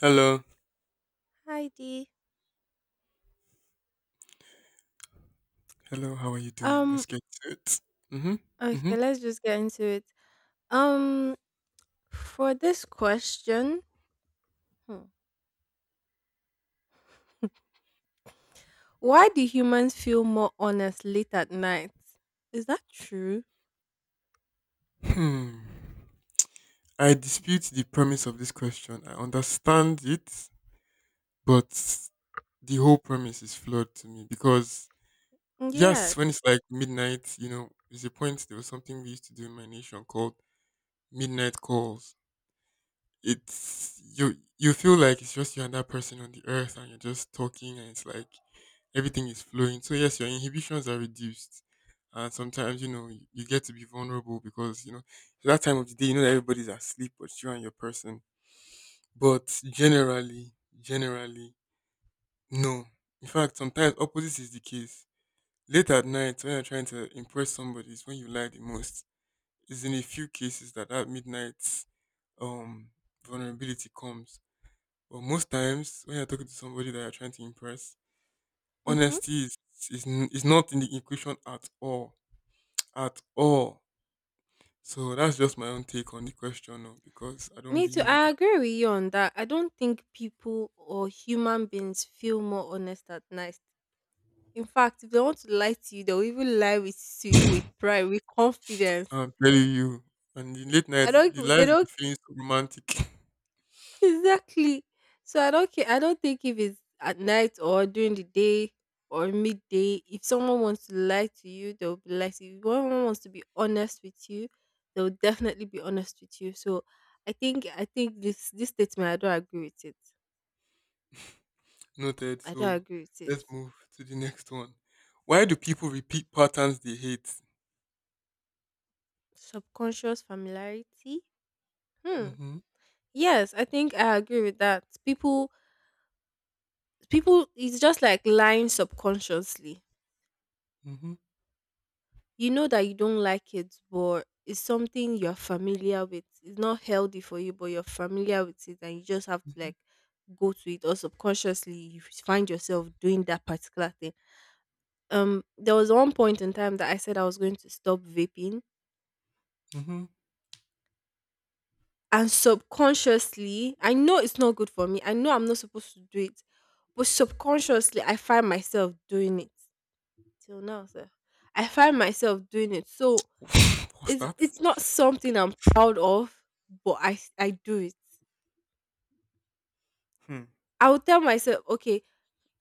Hello, Hi Dee. hello. How are you doing? Um Let's get to it. Mm-hmm. Mm-hmm. okay, let's just get into it. Um for this question, hmm, why do humans feel more honest late at night? Is that true? Hmm. I dispute the premise of this question. I understand it, but the whole premise is flawed to me because yes, when Yes. it's like midnight, there's a point. There was something we used to do in my nation called midnight calls. It's you. You feel like it's just you and that person on the earth, and you're just talking, and it's like everything is flowing. So yes, your inhibitions are reduced, and sometimes you know you get to be vulnerable because you know it's that time of the day, you know that everybody's asleep but you and your person. But generally, no. In fact, sometimes opposite is the case. Late at night, when you're trying to impress somebody, is when you lie the most. It's in a few cases that midnight um vulnerability comes. But most times, when you're talking to somebody that you're trying to impress, Mm-hmm. honesty is not in the equation at all, at all. So that's just my own take on the question. No, because I don't Me too. believe it. I agree with you on that. I don't think people or human beings feel more honest at night. In fact, if they want to lie to you, they'll even lie with to you with pride, with confidence. I'm telling you. And the late night, I the don't. They lies will be don't. feeling so romantic. Exactly. So I don't care. I don't think if it's at night or during the day or midday, if someone wants to lie to you, they'll be lie to you. If someone wants to be honest with you, they'll definitely be honest with you. So I think this statement I don't agree with it. Noted. I don't So agree with it. let's move to the next one. Why do people repeat patterns they hate? Subconscious familiarity. Hmm. Mm-hmm. Yes, I think I agree with that. People, it's just like lying subconsciously, Mm-hmm. you know that you don't like it, but it's something you're familiar with. It's not healthy for you, but you're familiar with it, and you just have to Mm-hmm. like go to it, or subconsciously you find yourself doing that particular thing. There was one point in time that I said I was going to stop vaping, Mm-hmm. and subconsciously, I know it's not good for me. I know I'm not supposed to do it, but subconsciously, I find myself doing it till now, sir. I find myself doing it. So What's It's that? it's not something I'm proud of, but I do it. Hmm. I will tell myself, okay,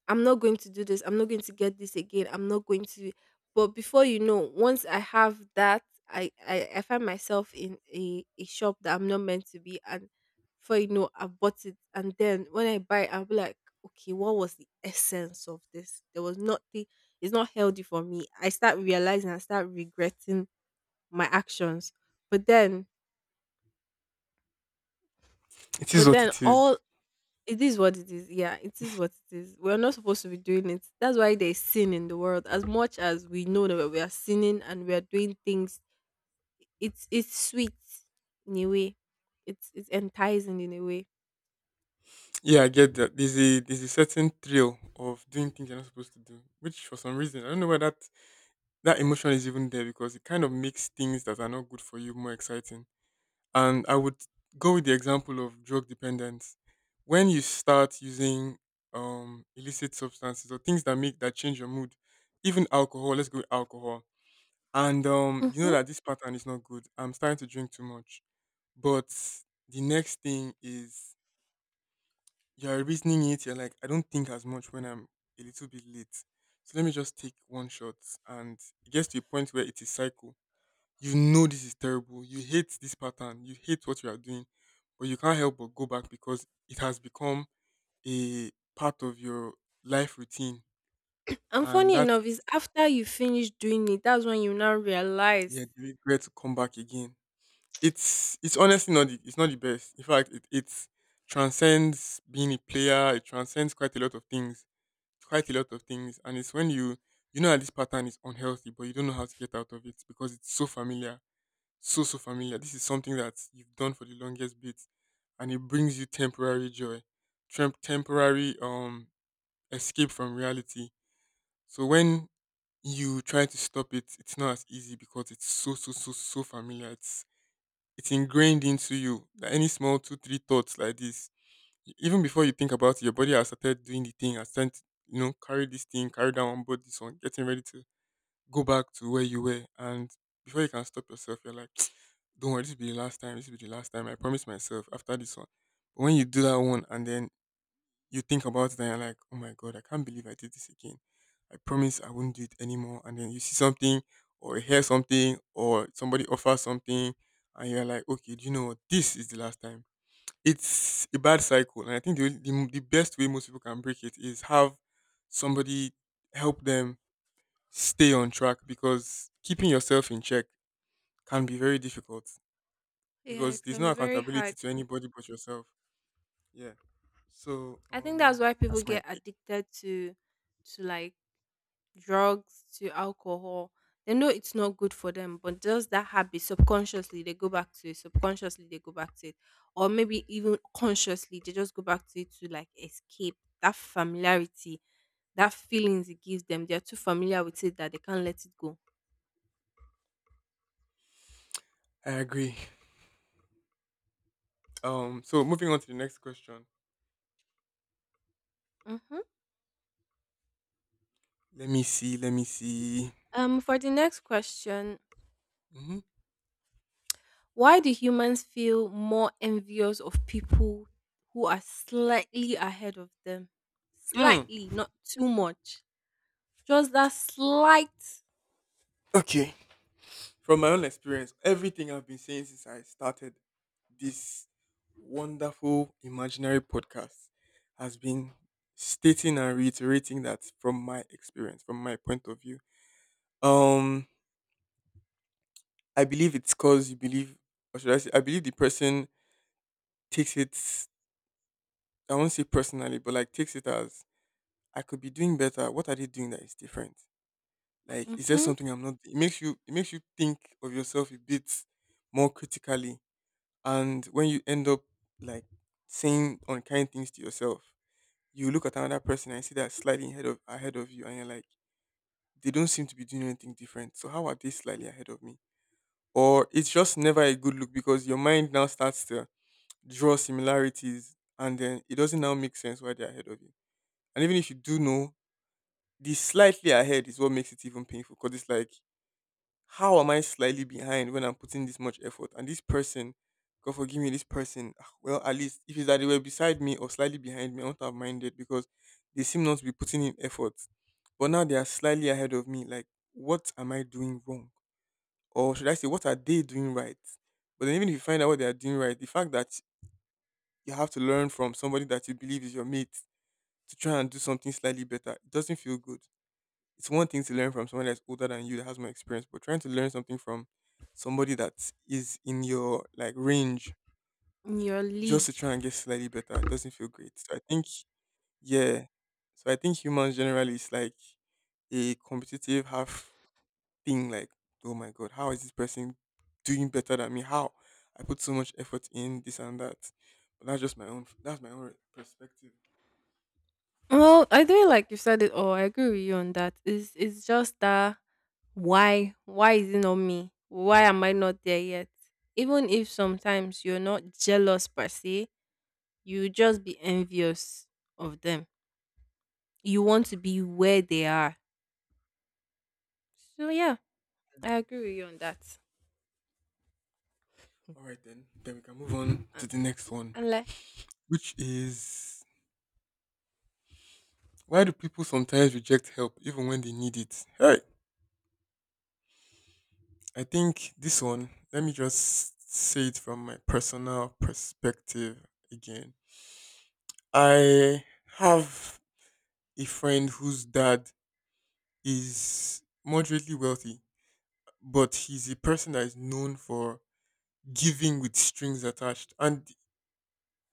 I'm not going to do this. I'm not going to get this again. I'm not going to. But before you know, once I have that, I find myself in a shop that I'm not meant to be, and before you know, I bought it. And then when I buy it, I'll be like, okay, what was the essence of this? There was nothing. It's not healthy for me. I start realizing, I start regretting my actions. But then It is but what then it is. all It is what it is. Yeah, it is what it is. We're not supposed to be doing it. That's why there's sin in the world. As much as we know that we are sinning and we are doing things, it's sweet in a way. It's enticing in a way. Yeah, I get that. There's a certain thrill of doing things you're not supposed to do, which for some reason I don't know why that emotion is even there, because it kind of makes things that are not good for you more exciting. And I would go with the example of drug dependence. When you start using illicit substances or things that make that change your mood, even alcohol. Let's go with alcohol. And you know Hmm. that this pattern is not good. I'm starting to drink too much. But the next thing is, you're reasoning it. You're like, I don't think as much when I'm a little bit late. So let me just take one shot. And it gets to a point where it is cycle. You know, this is terrible. You hate this pattern. You hate what you are doing, but you can't help but go back because it has become a part of your life routine, And and funny that's, enough, is after you finish doing it, that's when you now realize. yeah, the regret to come back again. It's honestly not the best. In fact, it transcends being a player. It transcends quite a lot of things, quite a lot of things, and it's when you know that this pattern is unhealthy, but you don't know how to get out of it because it's so familiar, so familiar. This is something that you've done for the longest bit, and it brings you temporary joy, temporary escape from reality. So when you try to stop it, it's not as easy because it's so familiar. It's ingrained into you. Like any small two three thoughts like this, even before you think about it, your body has started doing the thing. Has started, carry this thing, carry that one, board this one, getting ready to go back to where you were. And before you can stop yourself, you're like, don't worry, this will be the last time, this will be the last time. I promise myself, after this one. But when you do that one and then you think about it and you're like, oh my god, I can't believe I did this again. I promise I won't do it anymore. And then you see something, or you hear something, or somebody offers something, and you're like, okay, do you know what, this is the last time. It's a bad cycle, and I think the best way most people can break it is have somebody help them stay on track, because keeping yourself in check can be very difficult, Yeah, because it there's can no be very accountability hard. to anybody but yourself. Yeah. So I think that's why people that's my get take. addicted to like drugs to alcohol. They know it's not good for them, but just that habit subconsciously they go back to it. Subconsciously they go back to it, or maybe even consciously they just go back to it to like escape that familiarity, that feelings it gives them. They are too familiar with it that they can't let it go. I agree. So moving on to the next question. Mm-hmm. Let me see, let me see. For the next question, Mm-hmm. why do humans feel more envious of people who are slightly ahead of them? Hmm. Mm. Slightly, not too much. Just that slight Okay. From my own experience, everything I've been saying since I started this wonderful imaginary podcast has been stating and reiterating that from my experience, from my point of view. Um I believe it's because you believe, or should I say, I believe the person takes it. I won't say personally, but like takes it as, I could be doing better. What are they doing that is different? Like, is there mm-hmm, something I'm not? It makes you think of yourself a bit more critically, and when you end up like saying unkind things to yourself, you look at another person and see that slightly ahead of you, and you're like, they don't seem to be doing anything different. So how are they slightly ahead of me? Or it's just never a good look, because your mind now starts to draw similarities, and then it doesn't now make sense why they're ahead of you. And even if you do know, the slightly ahead is what makes it even painful, because it's like, how am I slightly behind when I'm putting this much effort? And this person, God forgive me, this person, ah, well, at least if it's that they were beside me or slightly behind me, I won't have minded, because they seem not to be putting in effort. But now they are slightly ahead of me. Like, what am I doing wrong? Or should I say, what are they doing right? But then even if you find out what they are doing right, the fact that you have to learn from somebody that you believe is your mate to try and do something slightly better, it doesn't feel good. It's one thing to learn from someone that's older than you that has more experience, but trying to learn something from somebody that is in your like range in your just league. to try and get slightly better, it doesn't feel great. So I think, yeah. So I think humans generally is like a competitive half thing, like, oh my god, how is this person doing better than me? How? I put so much effort in this and that. But that's just my own perspective. Well, I think like you said it all. I agree with you on that. It's just that why is it not me? Why am I not there yet? Even if sometimes you're not jealous per se, you just be envious of them. You want to be where they are. So yeah, I agree with you on that. All right then. Then we can move on Uh, to the next one, And like, which is, why do people sometimes reject help even when they need it? Hey, I think this one, let me just say it from my personal perspective again. I have a friend whose dad is moderately wealthy, but he's a person that is known for giving with strings attached, and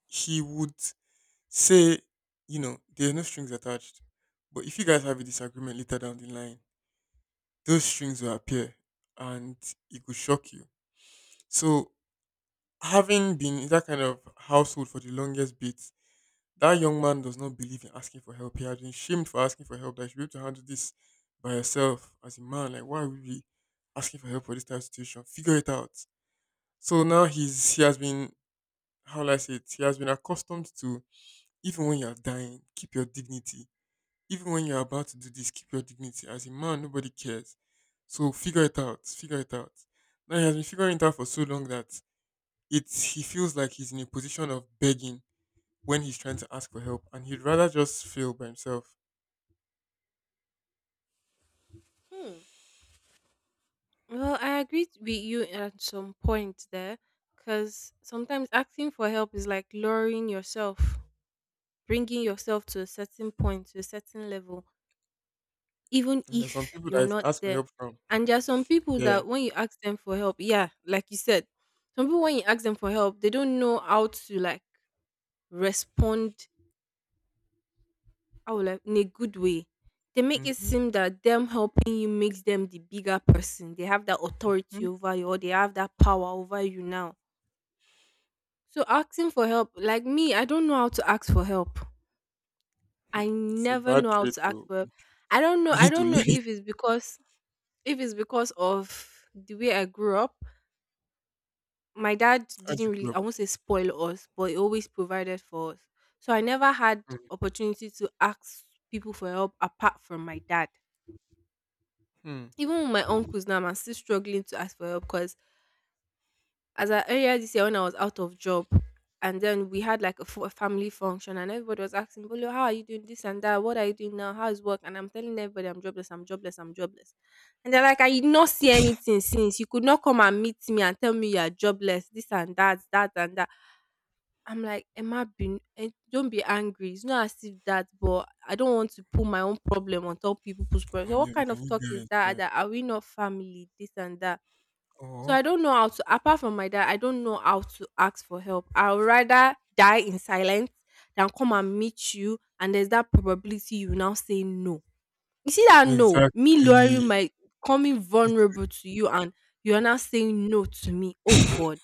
he would say, you know, there are no strings attached. But if you guys have a disagreement later down the line, those strings will appear, and it could shock you. So, having been in that kind of household for the longest bit, that young man does not believe in asking for help. He has been shamed for asking for help. That you should be able to handle this by yourself as a man. Like, why would we asking for help for this type of situation? Figure it out. So now he has been, how will I say it? He has been accustomed to, even when you're dying, keep your dignity. Even when you're about to do this, keep your dignity. As a man, nobody cares. So figure it out. Figure it out. Now he has been figuring it out for so long that it's he feels like he's in a position of begging when he's trying to ask for help, and he'd rather just fail by himself. hmm, well, I agree with you at some point there, because sometimes asking for help is like lowering yourself, bringing yourself to a certain point, to a certain level, even And there's some if people that you're if you not ask for there. help from, And there are some people yeah, that when you ask them for help, yeah, like you said, some people when you ask them for help, they don't know how to like respond like in a good way. They make it mm-hmm, seem that them helping you makes them the bigger person. They have that mm-hmm, authority over you or they have that power over you now. So asking for help, like me, I don't know how to ask for help. I it's a never bad know how trait. to ask To, for help. I don't know. we I need to don't know learn it if it's because of the way I grew up. My dad as you didn't grow really up. I won't say spoil us, but he always provided for us. So I never had opportunity to ask people for help apart from my dad. Mm-hmm. Even with my uncles now, I'm still struggling to ask for help because as I earlier this year when I was out of job, and then we had like a family function, and everybody was asking, "Bolo, how are you doing this and that? What are you doing now? How's work?" And I'm telling everybody, "I'm jobless. I'm jobless. I'm jobless." And they're like, "I did not see anything since you could not come and meet me and tell me you are jobless. This and that, that and that." I'm like, Emma, be, eh, don't be angry. It's not as if that, but I don't want to put my own problem on top people's problem. So On your, what your kind of new talk is guys, that? yeah. That are we not family? This and that. So Oh, I don't know how to. Apart from my dad, I don't know how to ask for help. I would rather die in silence than come and meet you, and there's that probability you now say no. You see that no, me exactly. lowering my coming It, vulnerable to you, and you are now saying no to me. Oh God.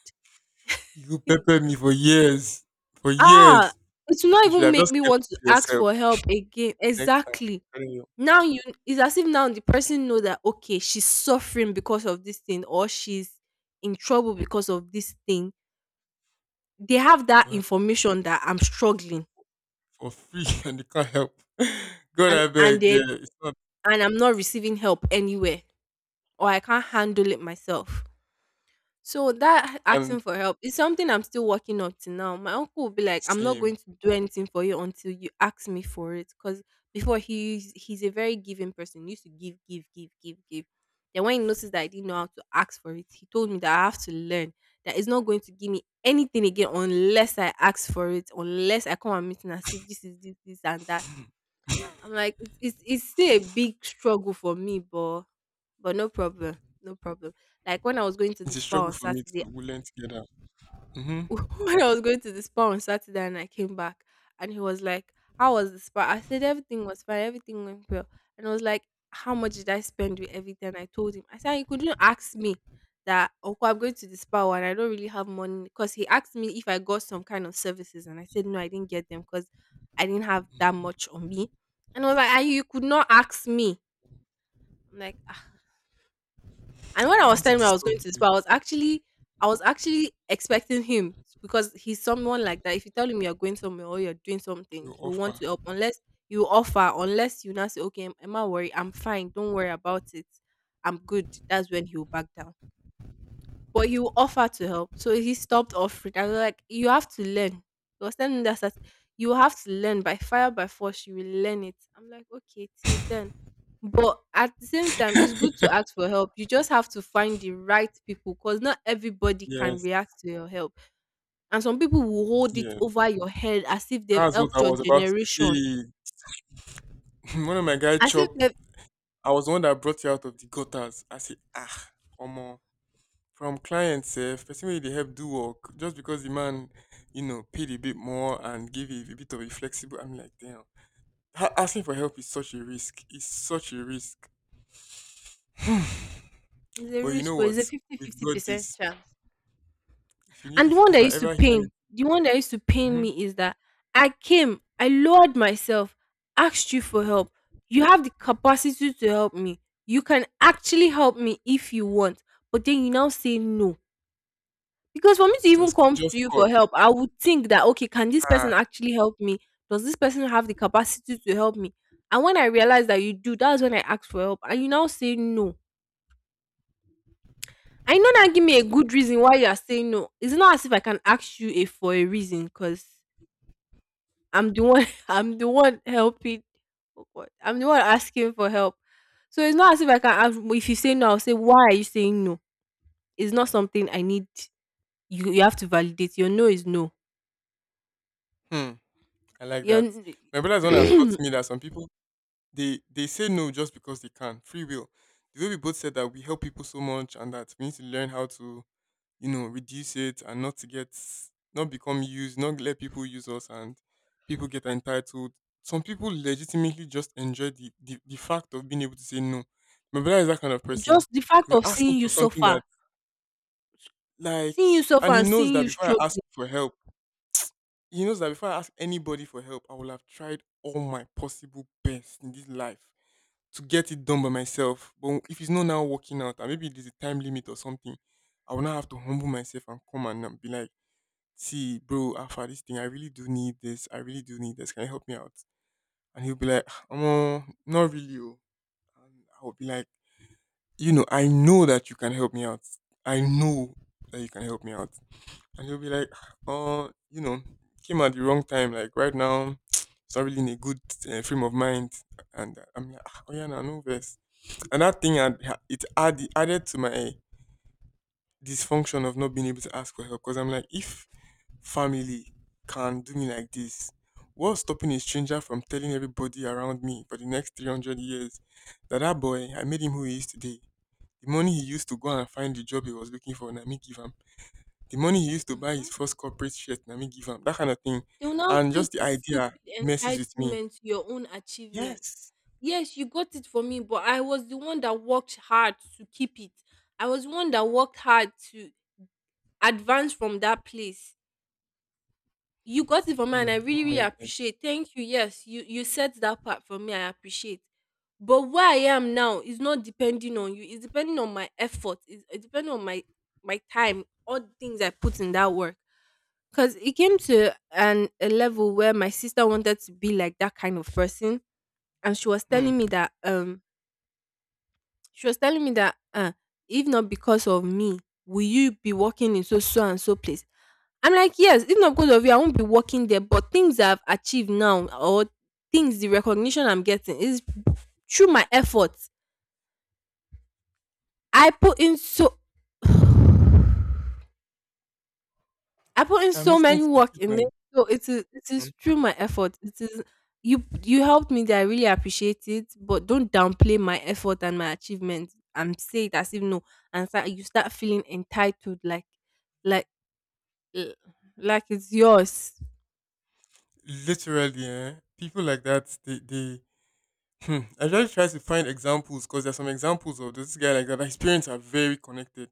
you pepper me God. for years, for Ah, years. it will not You should even have make just me kept want it to to ask yourself for help again. next time. I'm Exactly. telling you. Now you it's as if now the person know that okay, she's suffering because of this thing or she's in trouble because of this thing. They have that And information that I'm struggling for free and you can't help. God and I and beg, they yeah. It's not and I'm not receiving help anywhere or I can't handle it myself. So that asking and for help is something I'm still working up to now. My uncle will be like, "I'm not same. going to do anything for you until you ask me for it." Because before he's a very giving person. He used to give, give, give, give, give. Then when he noticed that I didn't know how to ask for it, he told me that I have to learn that he's not going to give me anything again unless I ask for it, unless I come and meet and I say this is this, this and that. I'm like, it's still a big struggle for me, but no problem, no problem, like when I was going to It's the a spa struggle on for me Saturday, to, we learn together. Mm-hmm. when I was going to the spa on Saturday and I came back and he was like, how was the spa? I said everything was fine, everything went well. And I was like, how much did I spend with everything? I told him. I said, you couldn't ask me that okay, I'm going to the spa and I don't really have money because he asked me if I got some kind of services and I said no, I didn't get them because I didn't have that much on me. And I was like, "Ah, you could not ask me. I'm like, "Ah, and when I Not was to telling him I was disturb going to this, you, but I was actually expecting him because he's someone like that. If you tell him you're going somewhere or you're doing something, your he will want offer. to help unless you offer, unless you now say, okay, I'm not worried, I'm fine, don't worry about it. I'm good. That's when he'll back down but you offer to help. So he stopped offering. I was like, you have to learn. He was telling me that you have to learn by fire by force. You will learn it. I'm like, okay, till then. But at the same time, it's good to ask for help. You just have to find the right people because not everybody can Yes, react to your help. And some people will hold it yeah. over your head as if they've That's what helped I your was about generation. to say. One of my guy As if chop, they've, I was the one that brought you out of the gutters. I say, ah, omo. From client sef, person wey dey help do work, just because the man, paid a bit more and gave a bit of a flexible, I'm like, damn. Asking for help is such a risk. It's such a risk. it's a But you know risk, or what? it's a We've fifty-fifty got percent this. chance. If you need, And if I ever hear anything, the one that used to pain hmm me is that I came, I lowered myself, asked you for help. You have the capacity to help me. You can actually help me if you want. But then you now say no. Because for me to even just c- come just to you call. for help, I would think that, okay, can this Ah, person actually help me? Does this person have the capacity to help me? And when I realized that you do, that's when I asked for help. And you now say no. I know that give me a good reason why you are saying no. It's not as if I can ask you a, for a reason, because I'm the one I'm the one helping oh God, I'm the one asking for help. So it's not as if I can ask if you say no, I'll say why are you saying no? It's not something I need you have to validate. Your no is no. hmm. I like Your that. My brother's one that taught n- me that some people they say no just because they can. Free will. The way we both said that we help people so much and that we need to learn how to reduce it and not to get not become used, not let people use us and people get entitled. Some people legitimately just enjoy the fact of being able to say no. My brother is that kind of person. just the fact He will of ask him for something that like seeing you suffer and he and knows seeing that you before I ask struggling. for help, he knows that before I ask anybody for help, I will have tried all my possible best in this life to get it done by myself. But if it's not now working out, and maybe there's a time limit or something, I will now have to humble myself and come and be like, see, bro, after this thing, I really do need this. I really do need this. Can you help me out? And he'll be like, "Oh, not really. Oh." And I'll be like, you know, I know that you can help me out. I know that you can help me out. And he'll be like, "Ah, Oh, you know, came at the wrong time. Like right now," "it's not really in a good frame of mind." And I'm like, "Ah, oh yeah, no, no verse." And that thing, added to my dysfunction of not being able to ask for help. Because I'm like, if family can do me like this? What's stopping a stranger from telling everybody around me for the next 300 years that boy, I made him who he is today? The money he used to go and find the job he was looking for, na me give him. The money he used to buy Mm-hmm. his first corporate shirt, na me give him. That kind of thing. They will now And feel just the this stupid idea messes with me. entitlement to your own achievement. Yes. Yes, you got it for me, but I was the one that worked hard to keep it. I was the one that worked hard to advance from that place. You got it for me and I Mm, don't really, really mind them. appreciate. Thank you. Yes, you said that part for me. I appreciate. But where I am now is not depending on you. It's depending on my effort. It's depending on my my time, all the things I put in that work. Cause it came to an a level where my sister wanted to be like that kind of person, and she was telling me Hmm. that she was telling me that, "Ah, if not because of me, will you be working in so so and so place?" I'm like, "Yes, if not because of you, I won't be working there. But things I've achieved now, or things the recognition I'm getting is through my efforts. I put in so." I put in I'm so listening many to you. work Keep in this, going. so it is it Hmm. is through my effort. It is you helped me that I really appreciate it, but don't downplay my effort and my achievements and say it as if no and start, you start feeling entitled like eh, like it's yours. Literally, eh? People like that, they Hmm. I just try to find examples because there's some examples of this guy like that. His parents are very connected.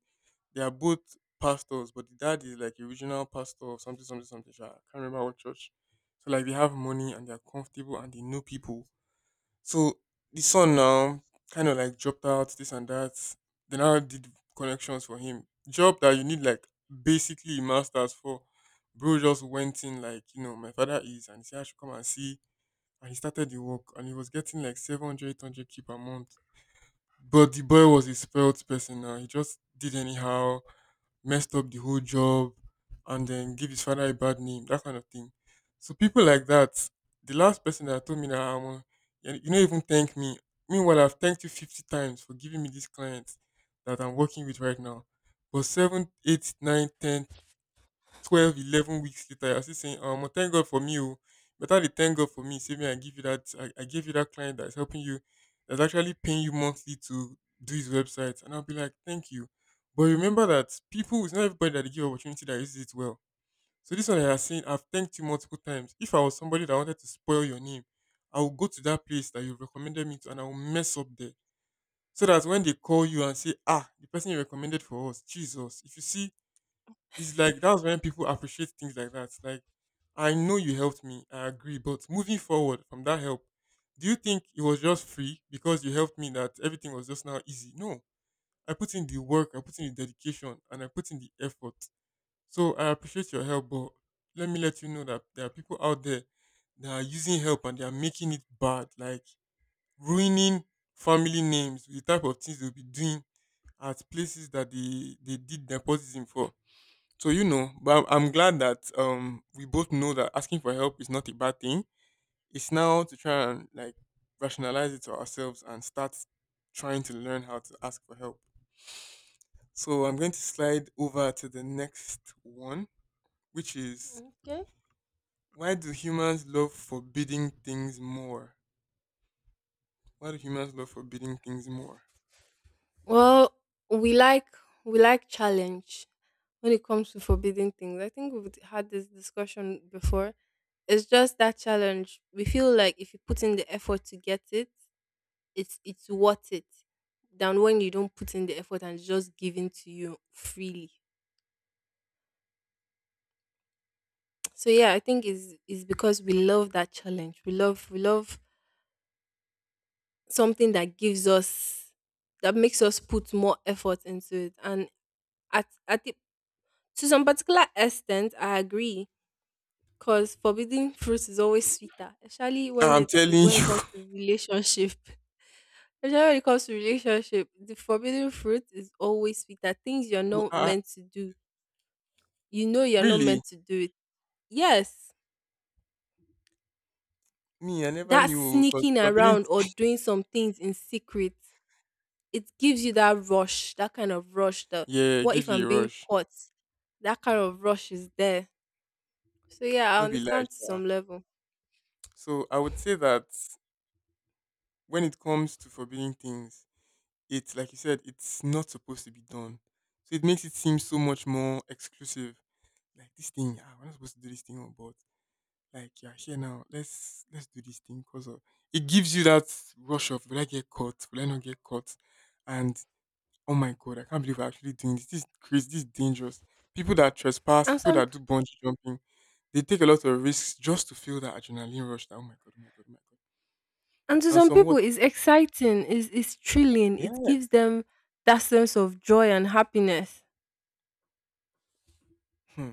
They are both pastors, but the dad is like a regional pastor of something, something, something. Sha, I can't remember what church. So like they have money and they're comfortable and they know people. So the son now kind of like dropped out this and that. They now did connections for him. Job that you need like basically a masters for. Bro just went in like you know my father is and he said I should come and see, and he started the work and he was getting like 700, 800 k per month, but the boy was a spoiled person. Now he just did anyhow, messed up the whole job and then gave his father a bad name. That kind of thing. So people like that, the last person that told me that you don't even thank me, meanwhile I've thanked you 50 times for giving me this client that I'm working with right now. But 7, 8, 9, ten. 12, 11 weeks later, you're still saying, well, thank God for me. Oh. Better they thank God for me. Say me, I give you that. I gave you that client that's helping you, that's actually paying you monthly to do his website. And I'll be like, thank you. But remember that people, it's not everybody that they give opportunity that uses it well. So this one I have seen, I've thanked you multiple times. If I was somebody that wanted to spoil your name, I would go to that place that you recommended me to and I will mess up there. So that when they call you and say, ah, the person you recommended for us, Jesus, if you see, it's like that's when people appreciate things like that. Like, I know you helped me, I agree, but moving forward from that help, do you think it was just free because you helped me that everything was just now easy? No. I put in the work, I put in the dedication, and I put in the effort. So I appreciate your help, but let me let you know that there are people out there that are using help and they are making it bad, like ruining family names, with the type of things they'll be doing at places that they did nepotism for. So you know, but I'm glad that we both know that asking for help is not a bad thing. It's now to try and like rationalize it to ourselves and start trying to learn how to ask for help. So I'm going to slide over to the next one, which is, Okay. why do humans love forbidding things more? Why do humans love forbidding things more? Well, we like we like challenge when it comes to forbidden things. I think we've had this discussion before. It's just that challenge. We feel like if you put in the effort to get it, it's worth it than when you don't put in the effort and it's just given to you freely. So yeah, I think it's because we love that challenge. We love something that gives us that makes us put more effort into it. And at at the, to some particular extent, I agree because forbidden fruit is always sweeter, especially when I'm it is telling when it you. comes to relationship. Especially when it comes to relationship, the forbidden fruit is always sweeter. Things you're not uh, meant to do you know you're not really, meant to do it. Yes, me, I never that knew because sneaking forbidding, around or doing some things in secret, it gives you that rush, that kind of rush. The yeah, it what gives if I'm you a being rush. caught? That kind of rush is there. So yeah, I Don't be like, understand to some level. so I would say that when it comes to forbidden things, it's like you said, it's not supposed to be done. So it makes it seem so much more exclusive. Like this thing, ah, we're not supposed to do this thing, oh, but like you're here now. Let's do this thing because of it gives you that rush of, will I get caught? Will I not get caught? And oh my god, I can't believe we're actually doing this. This is crazy. This is dangerous. People that trespass, And people some that do bungee jumping, they take a lot of risks just to feel that adrenaline rush. That, oh my god, oh my god, oh my god. and to And some people somewhat, it's exciting, it's thrilling, it yes. gives them that sense of joy and happiness. Hmm.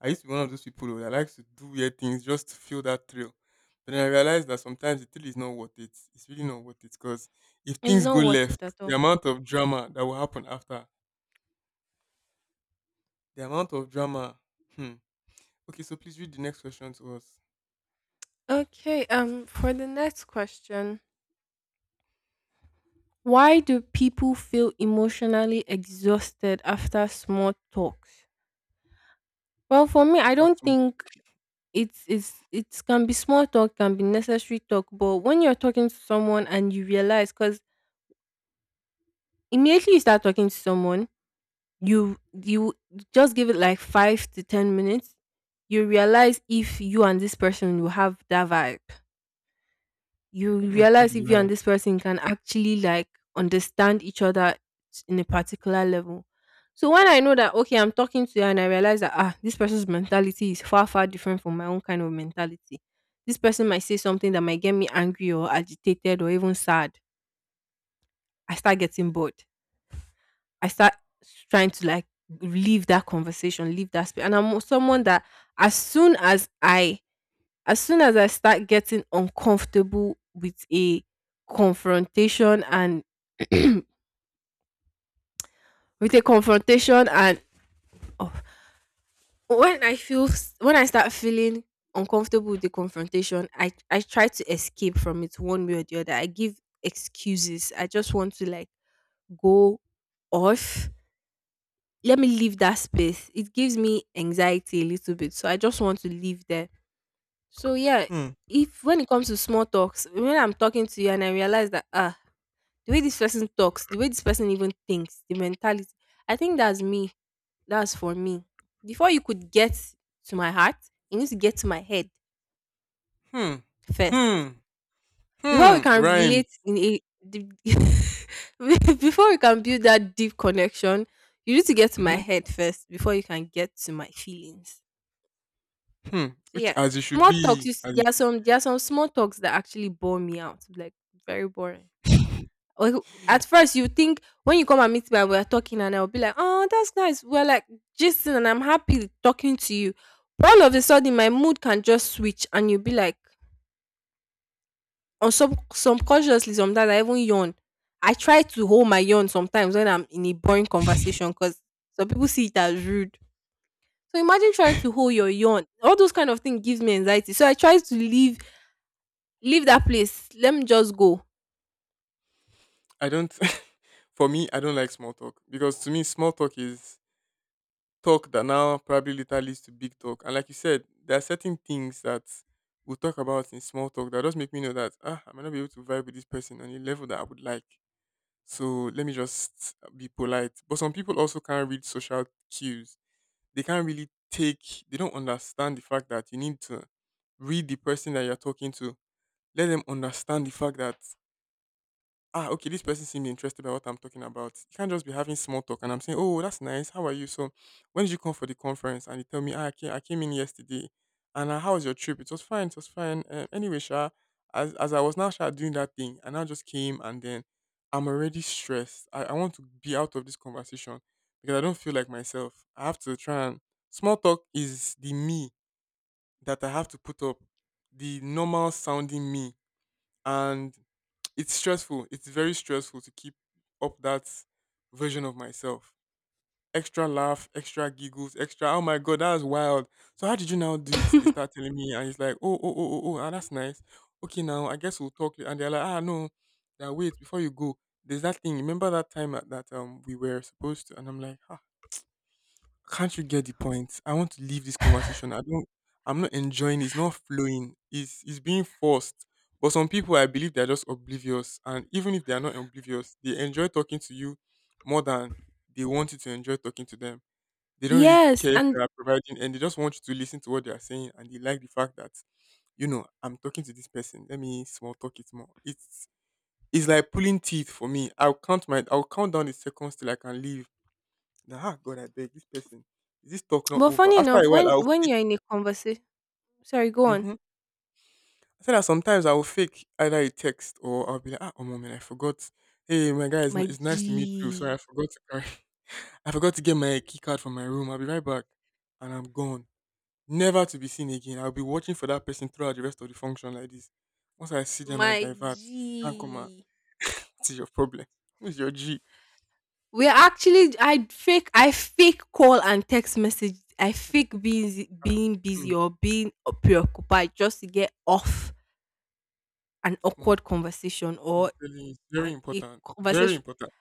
I used to be one of those people who that likes to do weird things just to feel that thrill. But then I realized that sometimes the thrill is not worth it. It's really not worth it because if It's things not go worth left, it at the all. amount of drama that will happen after, the amount of drama. Hmm. Okay, so please read the next question to us. Okay, for the next question. Why do people feel emotionally exhausted after small talks? Well, for me, I I fast don't to. think it's it can be small talk, can be necessary talk, but when you're talking to someone and you realize, because immediately you start talking to someone, you just give it like 5 to 10 minutes, you realize if you and this person will have that vibe. You Hmm. Don't realize be if you lying. and this person can actually like understand each other in a particular level. So when I know that okay, I'm talking to you and I realize that ah, this person's mentality is far far different from my own kind of mentality. This person might say something that might get me angry or agitated or even sad. I start getting bored. I start s- trying to like leave that conversation, leave that space. And I'm someone that as soon as I as soon as I start getting uncomfortable with a confrontation and with a confrontation and oh, when I feel when I start feeling uncomfortable with the confrontation, I try to escape from it one way or the other. I give excuses. I just want to like go off. Let me leave that space. It gives me anxiety a little bit, so I just want to leave there. So yeah, Hmm. if when it comes to small talks, when I'm talking to you and I realize that ah, the way this person talks, the way this person even thinks, the mentality. I think that's me. That's for me. Before you could get to my heart, you need to get to my head Hmm. first. Hmm. Before we Hmm. can relate Rhymes. in a the- before we can build that deep connection, you need to get to my Hmm. head first before you can get to my feelings. Hmm. So Which yeah, as it should small talks. be. Is- As it there are some small talks that actually bore me out. Like very boring. should. Or at first you think when you come and meet me and we're talking and I'll be like, oh, that's nice. We're like gisting and I'm happy talking to you. But all of a sudden my mood can just switch and you'll be like on some subconsciously sometimes I even yawn. I try to hold my yawn sometimes when I'm in a boring conversation because some people see it as rude. So imagine trying to hold your yawn. All those kind of things gives me anxiety. So I try to leave leave that place. Let me just go. I don't. For me, I don't like small talk because to me, small talk is talk that now probably later leads to big talk. And like you said, there are certain things that we'll talk about in small talk that just make me know that ah, I might not be able to vibe with this person on a level that I would like. So let me just be polite. But some people also can't read social cues. They can't really take. They don't understand the fact that you need to read the person that you're talking to. Let them understand the fact that ah, okay, this person seemed interested by what I'm talking about. You can't just be having small talk and I'm saying, oh, that's nice. How are you? So, when did you come for the conference? And you tell me, ah, I came in yesterday. And how was your trip? It was fine. It was fine. Anyway, Sha, as I was now Sha, doing that thing, and I now just came and then I'm already stressed. I want to be out of this conversation because I don't feel like myself. I have to try and small talk is the me that I have to put up, the normal sounding me. And it's stressful. It's very stressful to keep up that version of myself. Extra laugh, extra giggles, extra. Oh my god, that was wild. So how did you now do it? They start telling me, and it's like, oh, oh, oh, oh, oh, ah, that's nice. Okay, now I guess we'll talk. And they're like, ah, no, now wait before you go. There's that thing. Remember that time at that we were supposed to, and I'm like, can't you get the point? I want to leave this conversation. I'm not enjoying it. It's not flowing. It's being forced. But some people I believe they're just oblivious. And even if they are not oblivious, they enjoy talking to you more than they want you to enjoy talking to them. They don't really Yes. care if And they are providing and they just want you to listen to what they are saying and they like the fact that, you know, I'm talking to this person. Let me small talk it more. It's like pulling teeth for me. I'll count down the seconds till I can leave. Now, ah, God, I beg this person. Is this talk not but over? funny After enough, a while, I'll when fake. you're in a conversation sorry, go on. Hmm. I said that sometimes I'll fake either a text or I'll be like, ah, oh, man, I forgot. Hey, my guy, it's, n- My it's nice to meet you. Sorry, I G. forgot to carry. I forgot to get my key card from my room. I'll be right back. And I'm gone. Never to be seen again. I'll be watching for that person throughout the rest of the function like this. Once I see them, I My divert. Can't come out. G. This your problem. Who's your G? We are actually I fake call and text message. I fake being Hmm. busy or being preoccupied just to get off an Small awkward talk. conversation I'm or telling you, it's very an, a important. Very conversation. important.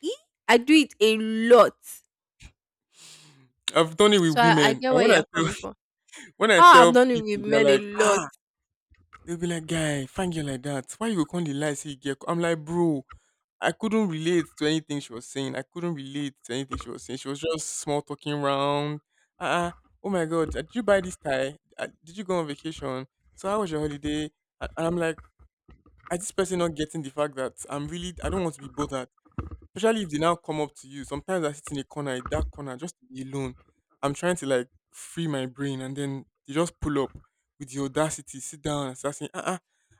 Ee, I do it a lot, I've done it with so I women. get And where when I you're coming from. When I Ah, I've tell done it with people, they're men a like, lot. ah, they'll be like, guy, find you like that. Why you go come the lie say you get? I'm like, bro, I couldn't relate to anything she was saying. I couldn't relate to anything she was saying. She was just small talking round. Ah, oh my god, did you buy this tie? Did you go on vacation? So how was your holiday? And I'm like, I this person not getting the fact that I'm really I don't want to be bothered. Especially if they now come up to you. Sometimes I sit in a corner, a dark corner, just to be alone. I'm trying to like free my brain, and then they just pull up with the audacity, sit down and start saying, "Ah, uh-uh,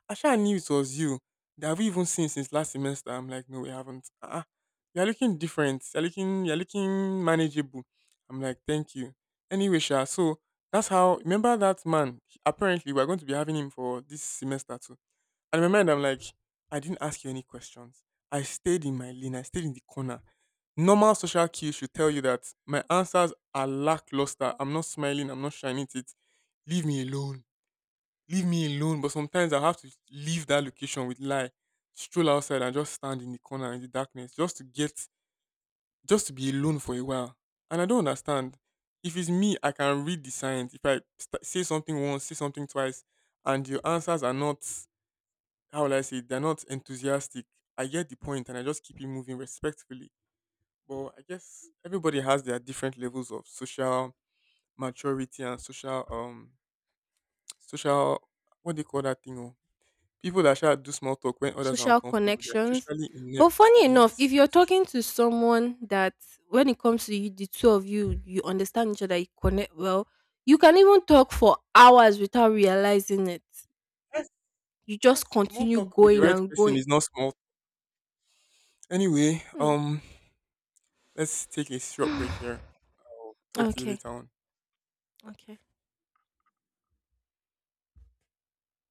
I sure knew it was you. That have we even seen since last semester?" I'm like, "No, we haven't. Ah, uh-uh. You're looking different. You're looking manageable." I'm like, "Thank you." Anyway, Sha, so that's how. Remember that man? Apparently, we're going to be having him for this semester too. And in my mind, I'm like, I didn't ask you any questions. I stayed in my lane. I stayed in the corner. Normal social cues should tell you that my answers are lackluster. I'm not smiling. I'm not shining it. Leave me alone. Leave me alone. But sometimes I have to leave that location with lie, stroll outside and just stand in the corner in the darkness just to get, just to be alone for a while. And I don't understand. If it's me, I can read the signs. If I say something once, say something twice, and your answers are not, how will I say it? They're not enthusiastic. I get the point and I just keep it moving respectfully. But I guess everybody has their different levels of social maturity and social what do you call that thing? Oh? People that shall do small talk when others are Social uncomfortable, they're connections. socially But inept. funny enough, if Yes, you're social talking to connection. someone that when it comes to you, the two of you, you understand each other, you connect well, you can even talk for hours without realizing it. Yes, You just yes. Small continue talk with the going right and person going. is not small. Anyway, Hmm. Let's take a short break here. I'll talk to you Okay. later on. Okay.